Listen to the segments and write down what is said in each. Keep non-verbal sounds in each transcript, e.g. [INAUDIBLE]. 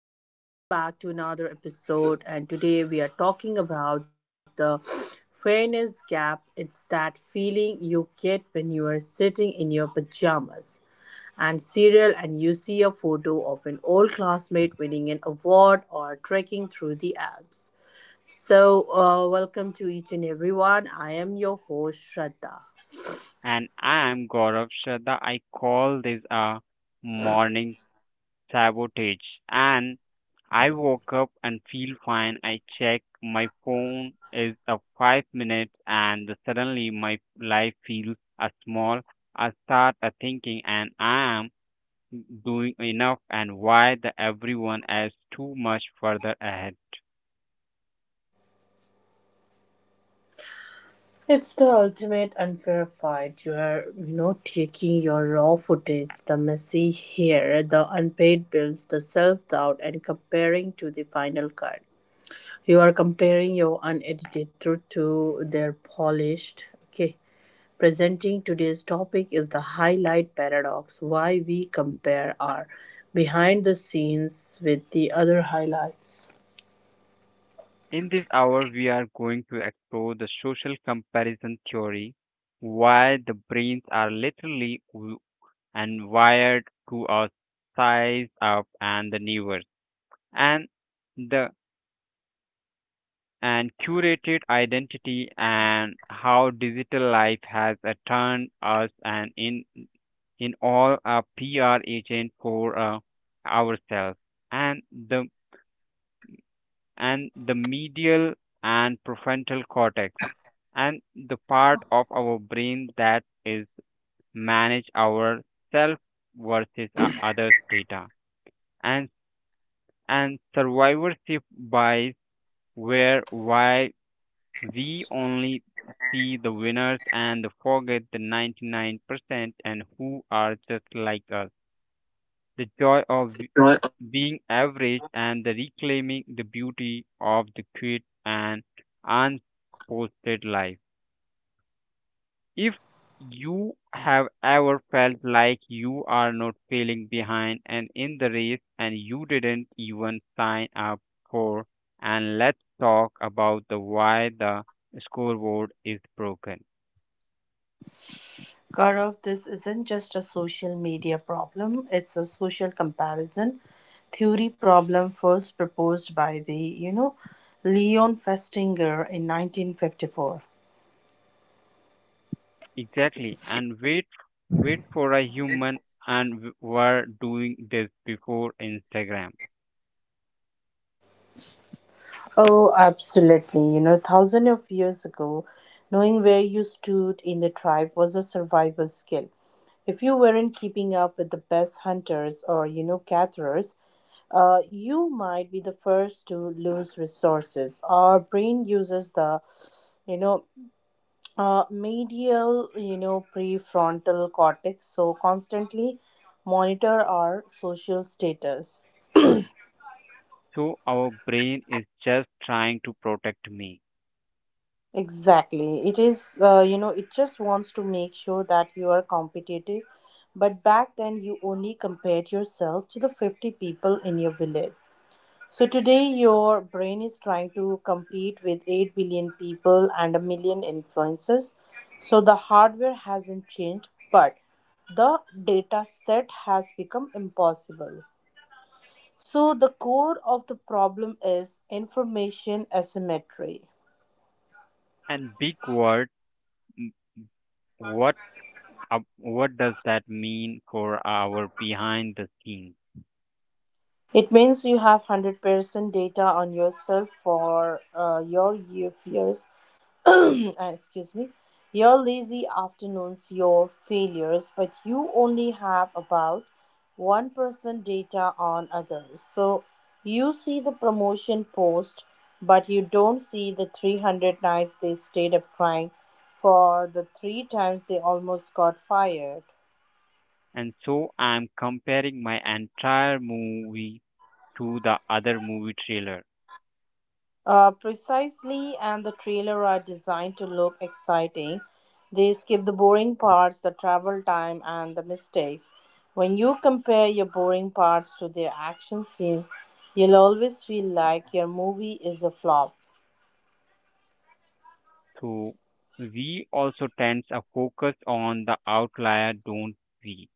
and welcome back to another episode, and today we are talking about the fairness gap. It's that feeling you get when you are sitting in your pajamas and cereal and you see a photo of an old classmate winning an award or trekking through the Alps. So welcome to each and everyone. I am your host Shraddha. And I'm Gaurav Shraddha. I call this a morning sabotage. And I woke up and feel fine. I check my phone is a 5 minutes and suddenly my life feels a small. I start a thinking and I am doing enough and why the everyone is too much further ahead. It's the ultimate unfair fight. You're, taking your raw footage, the messy hair, the unpaid bills, the self doubt, and comparing to the final cut. You are comparing your unedited truth to their polished. Okay. Presenting today's topic is the highlight paradox, why we compare our behind the scenes with the other highlights. In this hour, we are going to explore the social comparison theory, why the brains are literally w- and wired to our size up and the neighbors, and the and curated identity and how digital life has turned us and in all a PR agent for ourselves and the and the medial and prefrontal cortex and the part of our brain that is manage our self versus others data and and survivorship bias where why we only see the winners and forget the 99% and who are just like us the joy of being average and the reclaiming the beauty of the quit and unposted life. If you have ever felt like you are not feeling behind and in the race and you didn't even sign up for, and let's talk about the why the scoreboard is broken. Gaurav, this isn't just a social media problem, it's a social comparison theory problem first proposed by the, Leon Festinger in 1954. Exactly, and wait for a human, and were doing this before Instagram. Oh, absolutely. You know, thousands of years ago, knowing where you stood in the tribe was a survival skill. If you weren't keeping up with the best hunters or, gatherers, you might be the first to lose resources. Our brain uses the, you know, medial, prefrontal cortex, so constantly monitor our social status. So our brain is just trying to protect me. Exactly. It is, it just wants to make sure that you are competitive. But back then, you only compared yourself to the 50 people in your village. So today, your brain is trying to compete with 8 billion people and a million influencers. So the hardware hasn't changed, but the data set has become impossible. So the core of the problem is information asymmetry. And big word, m- what what does that mean for our behind the scenes? It means you have 100% data on yourself for your year fears, [CLEARS THROAT] excuse me, your lazy afternoons, your failures, but you only have about 1% data on others. So you see the promotion post, but you don't see the 300 nights they stayed up crying for the three times they almost got fired. And so I'm comparing my entire movie to the other movie trailer. Precisely, and the trailer are designed to look exciting. They skip the boring parts, the travel time, and the mistakes. When you compare your boring parts to their action scenes, you'll always feel like your movie is a flop. So we also tends a focus on the outlier, don't we?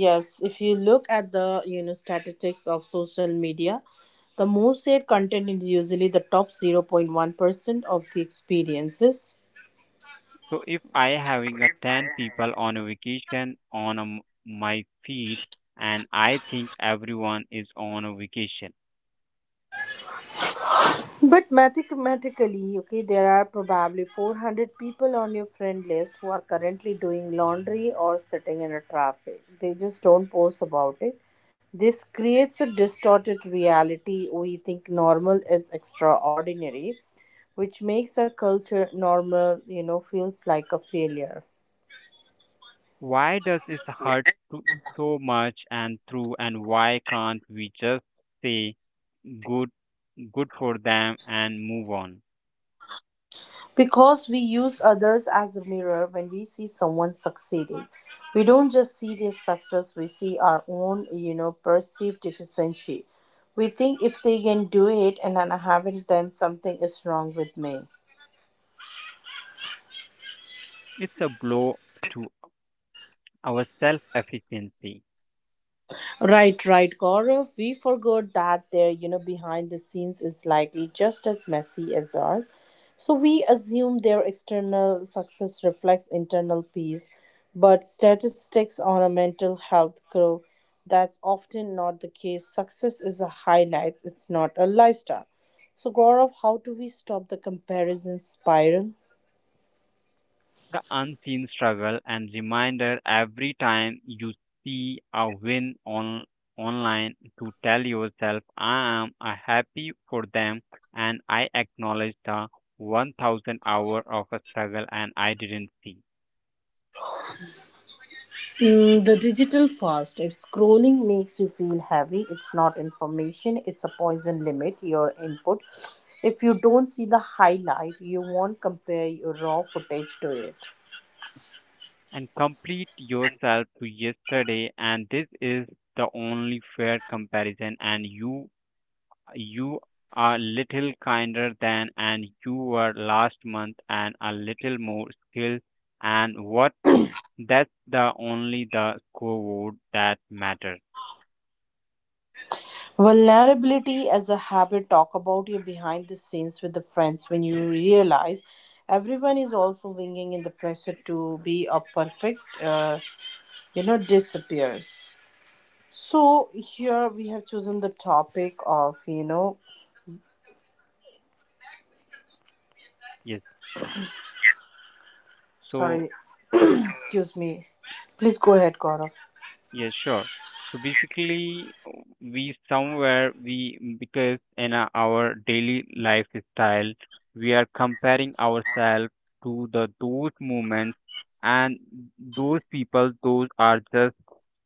Yes, if you look at the statistics of social media, the most shared content is usually the top 0.1% of the experiences. So if I having a 10 people on a vacation on a m my feed and I think everyone is on a vacation, But mathematically, okay, there are probably 400 people on your friend list who are currently doing laundry or sitting in a traffic. They just don't post about it. This creates a distorted reality. We think normal is extraordinary, which makes our culture normal, feels like a failure. why does it hurt to, so much and through and why can't we just say good good for them and move on. Because we use others as a mirror when we see someone succeeding. We don't just see their success, we see our own, perceived deficiency. We think if they can do it and I haven't, then something is wrong with me. It's a blow to our self efficiency, Right, Gaurav. We forgot that their, behind the scenes is likely just as messy as ours. So we assume their external success reflects internal peace, but statistics on a mental health grow. That's often not the case. Success is a highlight, it's not a lifestyle. So, Gaurav, how do we stop the comparison spiral? the unseen struggle and reminder every time you see a win on online to tell yourself I am a happy for them and I acknowledge the 1,000 hour of a struggle and I didn't see Mm, the digital fast. If scrolling makes you feel heavy, it's not information, it's a poison limit, your input. If you don't see the highlight, you won't compare your raw footage to it. and complete yourself to yesterday and this is the only fair comparison and you are little kinder than and you were last month and a little more skilled and what that's the only the scoreboard that matters. Vulnerability as a habit, talk about your behind the scenes with the friends when you realize everyone is also winging in the pressure to be a perfect, disappears. So here we have chosen the topic of, Yes, so sorry. Excuse me. Please go ahead, Gaurav. yeah, sure. So basically, we somewhere we because in our daily lifestyle, we are comparing ourselves to the those moments and those people, those are just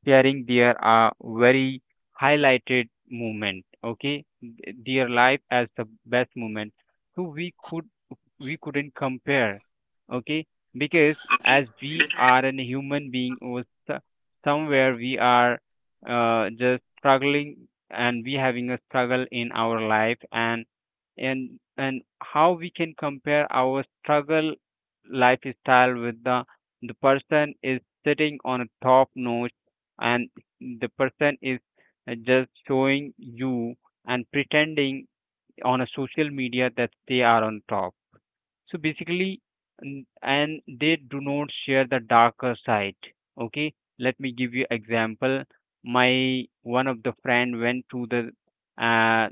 sharing their very highlighted moment. Okay, their life as the best moment. So we couldn't compare, okay, because as we are a human being or somewhere we are just struggling and we having a struggle in our life and and and how we can compare our struggle lifestyle with the person is sitting on a top notch and the person is just showing you and pretending on a social media that they are on top. So basically, and they do not share the darker side. Okay, let me give you example. My one of the friend went to the uh,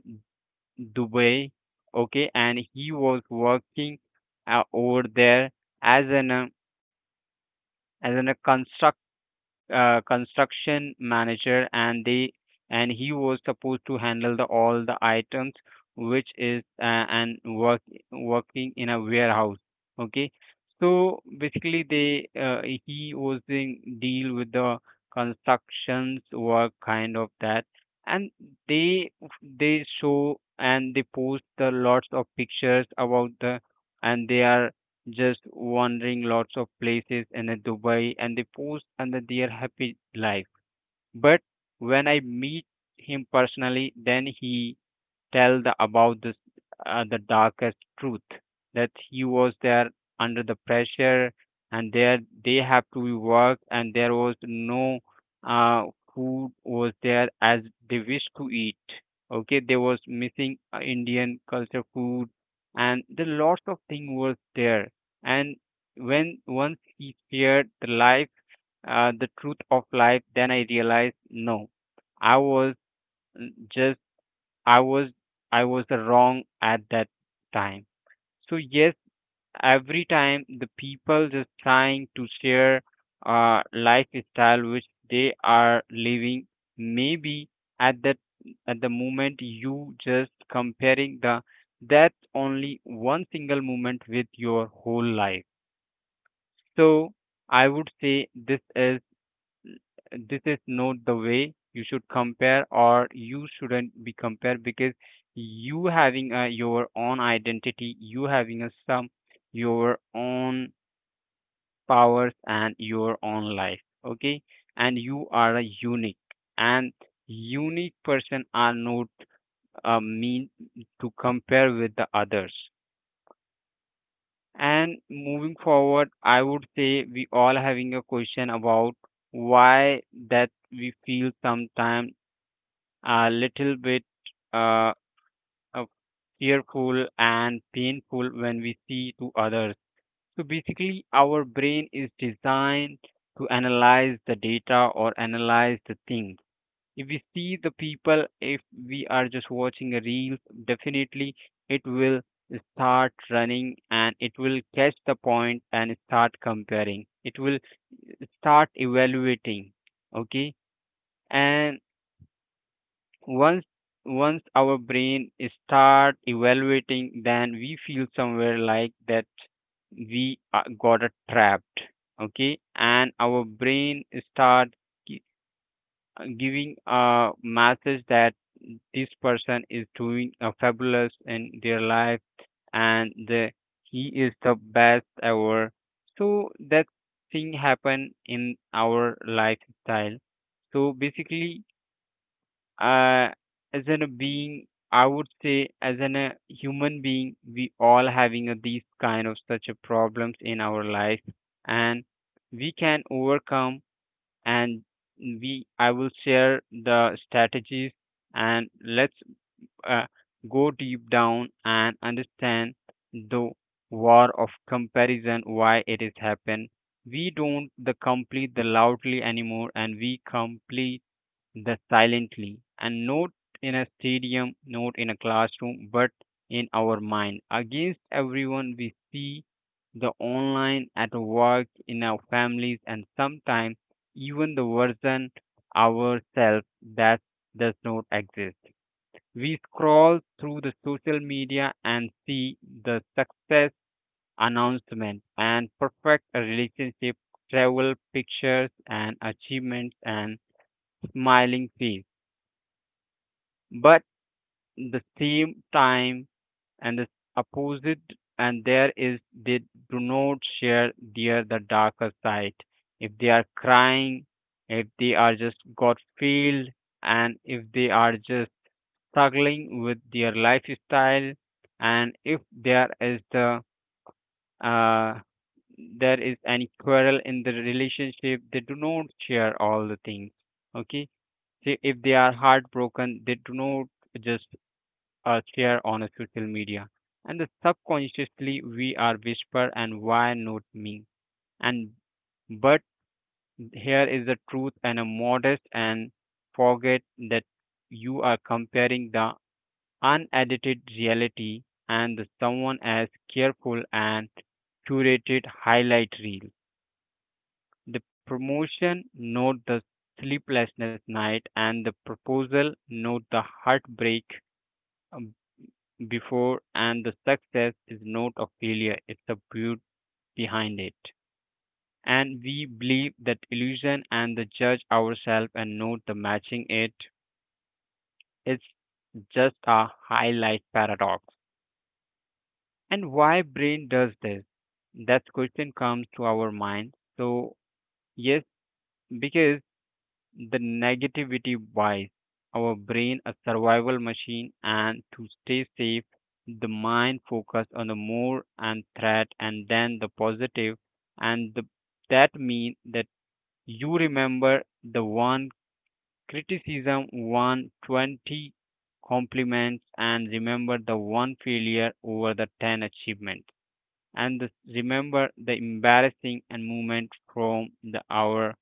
Dubai. Okay, and he was working over there as an uh, as an a construction construction manager and they and he was supposed to handle the, all the items which is and work working in a warehouse, okay. So basically they he was doing deal with the constructions work kind of that and they they show and they post the lots of pictures about the and they are just wandering lots of places in a Dubai and they post and that their happy life. But when I meet him personally, then he tell the about this the darkest truth that he was there under the pressure and there they have to work, and there was no uh, food was there as they wish to eat, okay. There was missing indian culture food and the lots of thing was there, and when once he feared the life, the truth of life, then I realized no, I was mm, just I was I was wrong at that time. So yes, every time the people just trying to share lifestyle which they are living, maybe at that at the moment you just comparing the that only one single moment with your whole life. So I would say this is not the way you should compare or you shouldn't be compared because you having a, your own identity, you having a some your own powers and your own life, okay, and you are a unique and unique person are not mean to compare with the others. And moving forward I would say we all having a question about why that we feel sometimes a little bit uh, uh, fearful and painful when we see to others. So basically, our brain is designed to analyze the data or analyze the things. If we see the people, if we are just watching a reel, definitely it will start running and it will catch the point and start comparing. It will start evaluating. Okay, and once once our brain start evaluating, then we feel somewhere like that we are- got a trapped, okay, and our brain start gi- giving a message that this person is doing a fabulous in their life and he is the best ever so that thing happen in our lifestyle. So basically, uh, as in a being, as in a human being, we all having a, these kind of such a problems in our life, and we can overcome. And I will share the strategies, and let's uh, go deep down and understand the war of comparison, why it is happen. We don't the complete the loudly anymore, and we complete the silently and not in a stadium, not in a classroom, but in our mind. Against everyone we see the online, at work, in our families, and sometimes even the version ourselves that does not exist. We scroll through the social media and see the success announcement and perfect relationship, travel pictures and achievements and smiling face. But the same time and the opposite and there is they do not share their the darker side if they are crying, if they are just got failed, and if they are just struggling with their lifestyle, and if there is the uh, there is any quarrel in the relationship they do not share all the things, okay. See, if they are heartbroken they do not just share on a social media. And the subconsciously we are whisper and why not me? And but here is the truth and a modest and forget that you are comparing the unedited reality and the someone as careful and curated highlight reel. The promotion, not the sleeplessness night, and the proposal, not the heartbreak before, and the success is not a failure, it's the beauty behind it, and we believe that illusion and the judge ourselves and not the matching it. It's just a highlight paradox, and why brain does this, that question comes to our mind. So yes, because the negativity bias. Our brain a survival machine, and to stay safe, the mind focus on the more and threat and then the positive and that means that you remember the one criticism, 120 compliments, and remember the one failure over the 10 achievements and the- remember the embarrassing and moment from the hour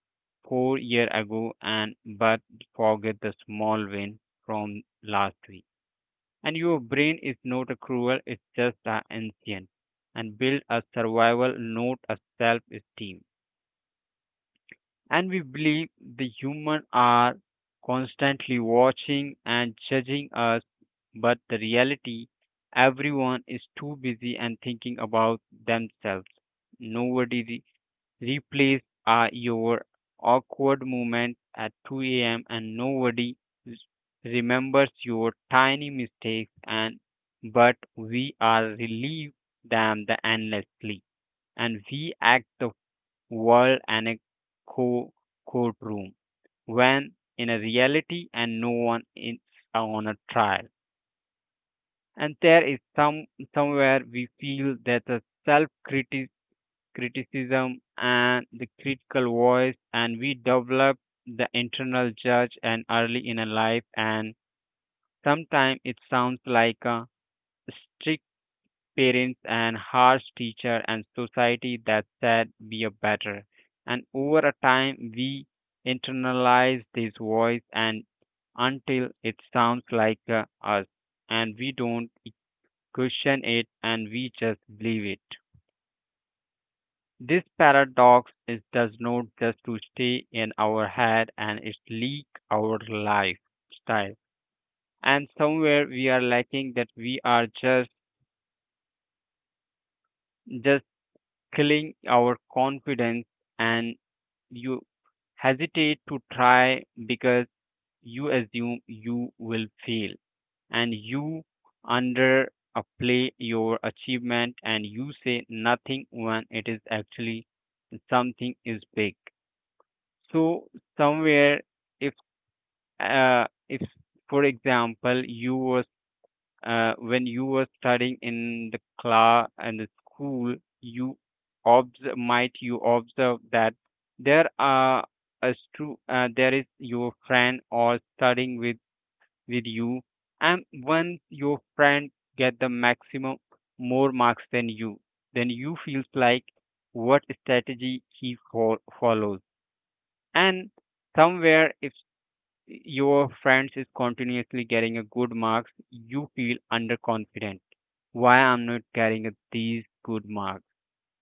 4 years ago, and but forget the small win from last week. And your brain is not a cruel, it's just a ancient and build a survival, not a self esteem. And we believe the human are constantly watching and judging us, but the reality everyone is too busy and thinking about themselves. Nobody replays your awkward moment at 2 a.m. and nobody r- remembers your tiny mistakes, and but we are relieved them the endlessly and we act the world and a co- courtroom when in a reality and no one is on a trial. And there is somewhere we feel that the self criticism and the critical voice and we develop the internal judge and early in a life, and sometimes it sounds like a parents and harsh teacher and society that said we are better. And over a time, we internalize this voice and until it sounds like us, and we don't question it and we just believe it. This paradox is does not just to stay in our head and it leak our lifestyle. And somewhere we are lacking, that we are just killing our confidence, and you hesitate to try because you assume you will fail, and you underplay your achievement and you say nothing when it is actually something is big. So somewhere if if for example you were when you were studying in the class and the school, you observe, might you observe that there are there is your friend or studying with you, and once your friend get the maximum more marks than you, then you feels like what strategy he follows, and somewhere if your friends is continuously getting a good marks, you feel underconfident. Why I'm not getting these good marks?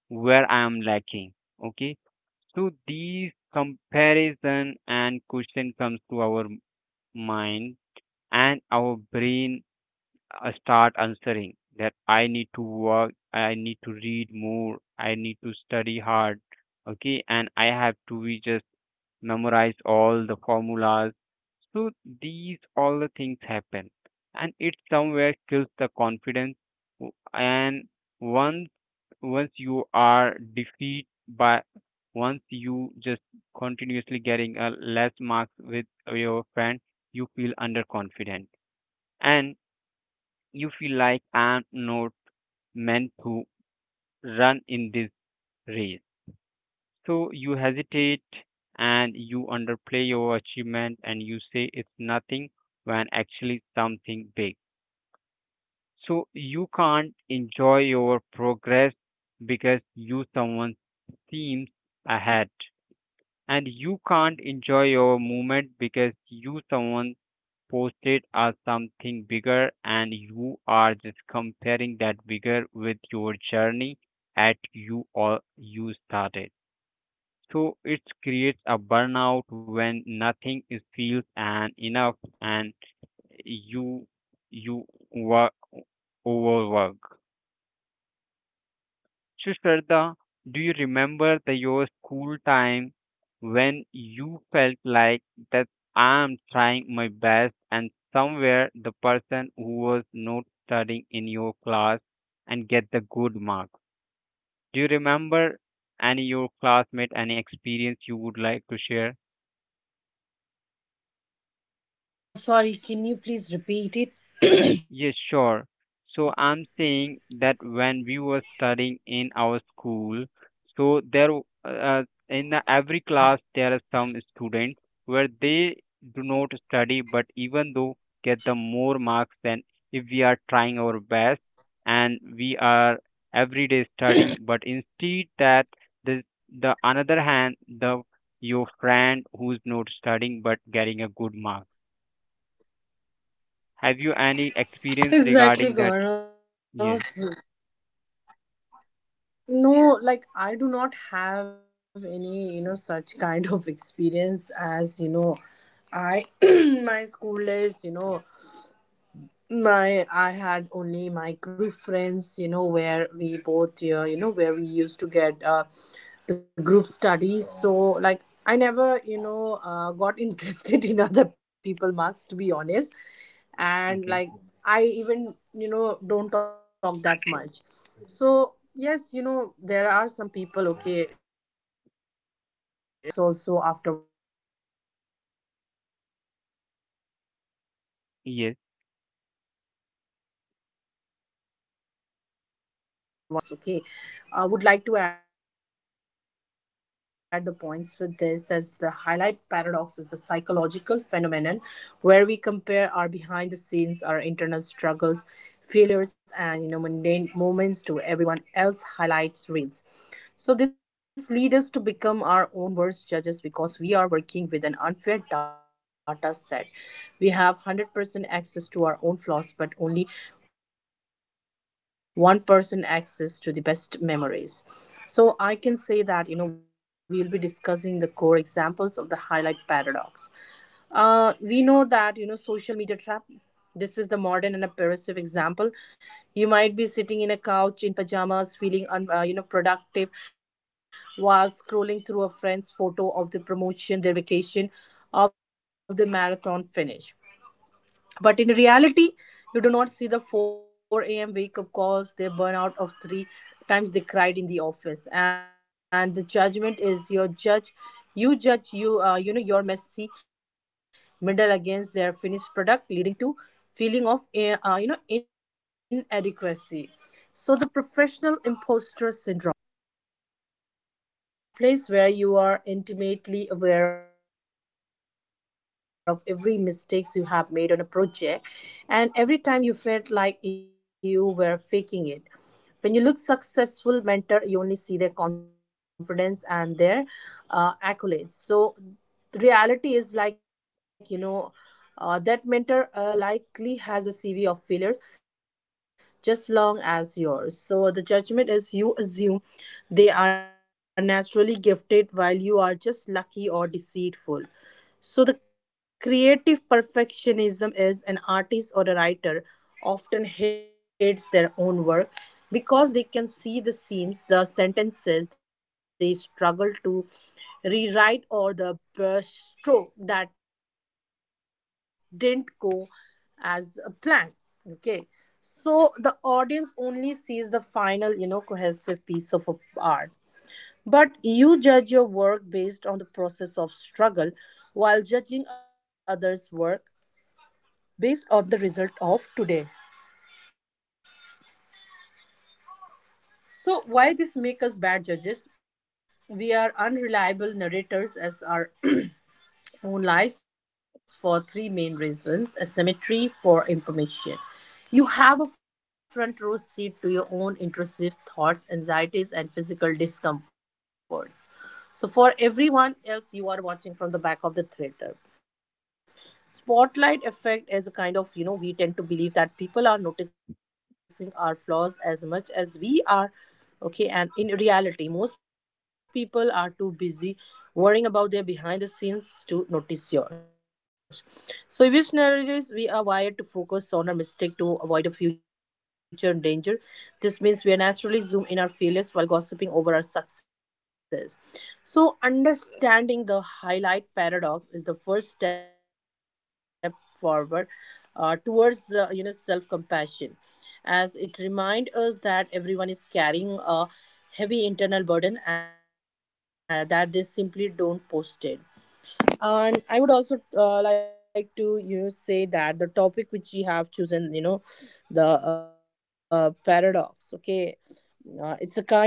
Where I'm lacking? Okay, so these comparison and question comes to our mind, and our brain start answering that I need to work, I need to read more, I need to study hard, okay, and I have to be just memorize all the formulas. So these all the things happen, and it somewhere kills the confidence. And once once you are defeat by, once you just continuously getting a less marks with your friend, you feel underconfident, and you feel like I'm not meant to run in this race. So you hesitate and you underplay your achievement and you say it's nothing when actually something big. So you can't enjoy your progress because you someone seems ahead, and you can't enjoy your movement because you someone posted as something bigger, and you are just comparing that bigger with your journey at you or you started. So it creates a burnout when nothing is feels and enough, and you you work, overwork. So, Shraddha, do you remember the your school time when you felt like that I'm trying my best and somewhere the person who was not studying in your class and get the good marks? Do you remember any your classmate, any experience you would like to share? Sorry, can you Yes, please repeat sure. it? So I'm saying that when we were studying in our school, so there in the every class there are some students where they do not study, but even though get the more marks than if we are trying our best and we are every day studying, but instead that the the another hand, the your friend who's not studying but getting a good mark. Have you any experience regarding that? Exactly, Gaurav. Yes. No, like I do not have any, such kind of experience as, I, [CLEARS THROAT] my school days, you know. My, I had only my group friends, where we both, where we used to get the group studies. So, like, I never, got [LAUGHS] interested in other people marks, to be honest. Okay. And, like, I even, don't talk that much. So, yes, you know, there are some people, okay, even if after trying so hard, okay, they are getting the marks also after one night study. Yes. And so, Gaurav, the topic which we have chose the highlight paradox. Okay, I would like to add the points with this as the highlight paradox is the psychological phenomenon where we compare our behind the scenes, our internal struggles failures and mundane moments to everyone else highlights reels. So this leads us to become our own worst judges because we are working with an unfair data set. We have 100% access to our own flaws but only 1% access to the best memories. So I can say that we'll be discussing the core examples of the highlight paradox. We know that social media trap. This is the modern and a pervasive example. You might be sitting in a couch in pajamas, feeling productive, while scrolling through a friend's photo of the promotion, their vacation, of the marathon finish. But in reality, you do not see the 4 a.m. wake up calls, they burn out of three times they cried in the office. And the judgment is your judge. You judge your messy middle against their finished product, leading to feeling of, inadequacy. So the professional imposter syndrome is in a workplace where you are intimately aware of every mistakes you have made on a project, and every time you felt like you were faking it when you look successful mentor you only see their confidence and their accolades. So the reality is like that mentor likely has a CV of failures just long as yours. So the judgment is you assume they are naturally gifted while you are just lucky or deceitful. So, the creative perfectionism is an artist or a writer often hates their own work because they can see the seams, the sentences they struggle to rewrite, or the stroke that didn't go as a plan. Okay, so the audience only sees the final, cohesive piece of a art, but you judge your work based on the process of struggle while judging others' work based on the result of today. So why this make us bad judges? We are unreliable narrators as our Moon lies for three main reasons asymmetry for information. You have a front row seat to your own intrusive thoughts, anxieties, and physical discomforts. So, for everyone else, you are watching from the back of the theater spotlight effect is a kind of we tend to believe that people are noticing our flaws as much as we are. Okay, and in reality most people are too busy worrying about their behind the scenes to notice yours. So in which narratives we are wired to focus on our mistake to avoid the future danger. This means we are naturally zoom in our failures while gossiping over our success. So understanding the highlight paradox is the first step forward towards self compassion as it reminds us that everyone is carrying a heavy internal burden that they simply don't post it. And I would also like to say that the topic which we have chosen you know the paradox, okay,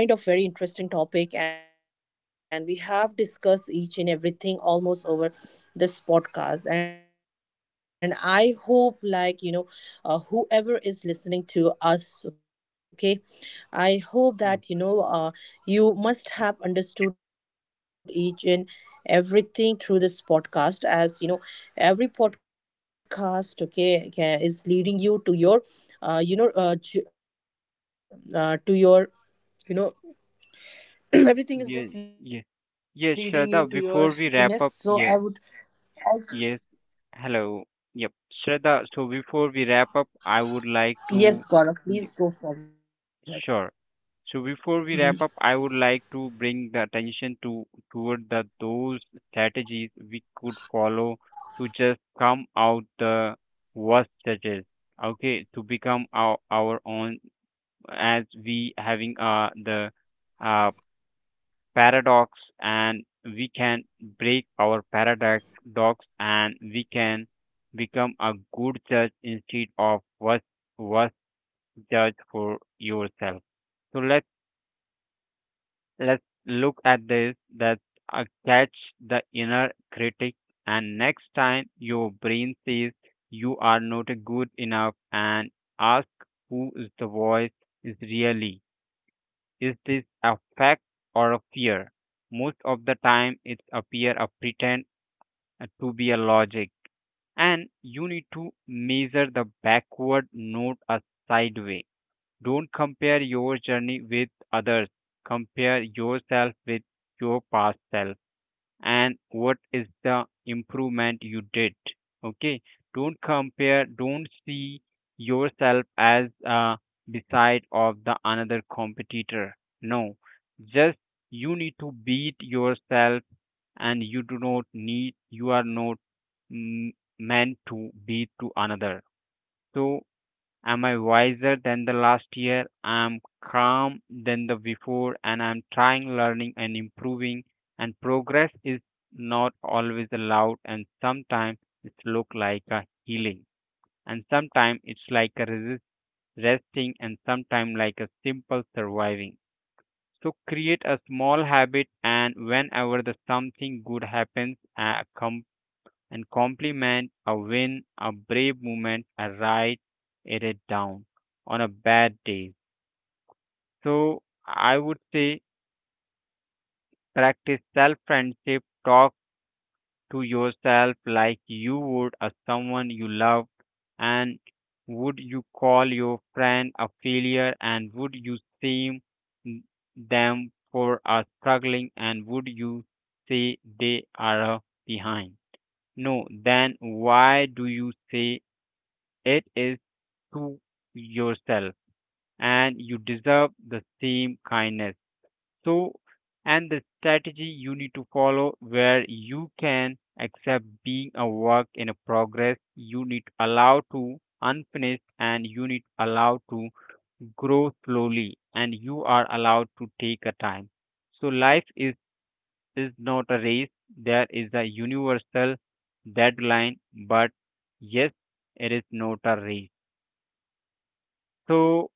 it's a kind of very interesting topic, and we have discussed each and everything almost over this podcast. And I hope, like, whoever is listening to us, okay, I hope Yes. that, you must have understood each and everything through this podcast as every podcast okay is leading you to your uh you know uh, j- to your you know [CLEARS THROAT] Yes. everything is Yes. just leading Yes, you to Shraddha, your before we happiness. wrap So up, I yes, would also, yes, hello. Yep, Shraddha, so before we wrap up, I would like yes to, Gaurav y- please go forward. sure. So before we Mhm. wrap up, I would like to bring the attention to toward the those strategies we could follow to just come out the worst judges. Okay, to become our own, as we having the uh paradox, and we can break our paradox, and we can become a good judge instead of worst judge for yourself. So let's look at this, that catch the inner critic, and next time your brain says you are not good enough, and ask, who is the voice, is really, is this a fact or a fear? Most of the time, it's a fear of pretend to be a logic, and you need to measure the backward, not a sideway. Don't compare your journey with others. Compare yourself with your past self and what is the improvement you did. Okay, don't compare, don't see yourself as beside of the another competitor. Thank you No, so much, Gaurav, just for sharing you your need to valuable beat thought. I yourself, truly and you appreciate do not need, uh, [CLEARS THROAT] you are not, that. mm, meant And to I would beat to also like another. to say to our, So, our am I listeners, wiser than the you are last allowed year? to have I'm unedited calm taste. So than the the mess, the before, quiet, and and I'm the trying, boring learning, and are improving. where the And real, progress is living not happens. So always loud, the and highlights are just sometimes the it bookmarks; look they like a aren't the whole healing, story. So and thank you for sometimes it's joining like us a for this un you know resting, and edited hour. sometimes like a We hope you simple feel a surviving. little better So today create about a a raw small habit, vlogger and footage whenever the today both. something Thank good you so happens, much, Gaurav. come It and really means a compliment lot a and win, thank a you to brave each and moment, a everyone right who have been it a down part of this on a bad podcast and day. have been listening and So hearing I would and say, been with our journey since starting of practice this self podcast. friendship, We talk really [CLEARS THROAT] to we truly yourself like appreciate you that, would a and someone I you hope love, that with and the help of would this you call podcast your friend a each and failure, and everyone would you must shame have got the them message for which a we struggling, wanted and to would you share. say And they are a behind? No, everything has then been shared, why do everything you was say discussed with my it is to co-host Gaurav, yourself? okay, and And you deserve [CLEARS THROAT] the Gaurav same and kindness. myself So, Shraddha, and the host of strategy this you need to podcast. follow where I would you like can to accept thank being you a each work and in a everyone for progress, you need supporting to us. allow to Okay, I unfinished, truly and you need appreciate, to thank allow you, to thank you so grow much. slowly, and you Till are then I allowed would to like take to a say to time. you So guys life take care, is okay, not a and race. have a good There is a day. universal Bye deadline, bye. but yes, it is not a race. So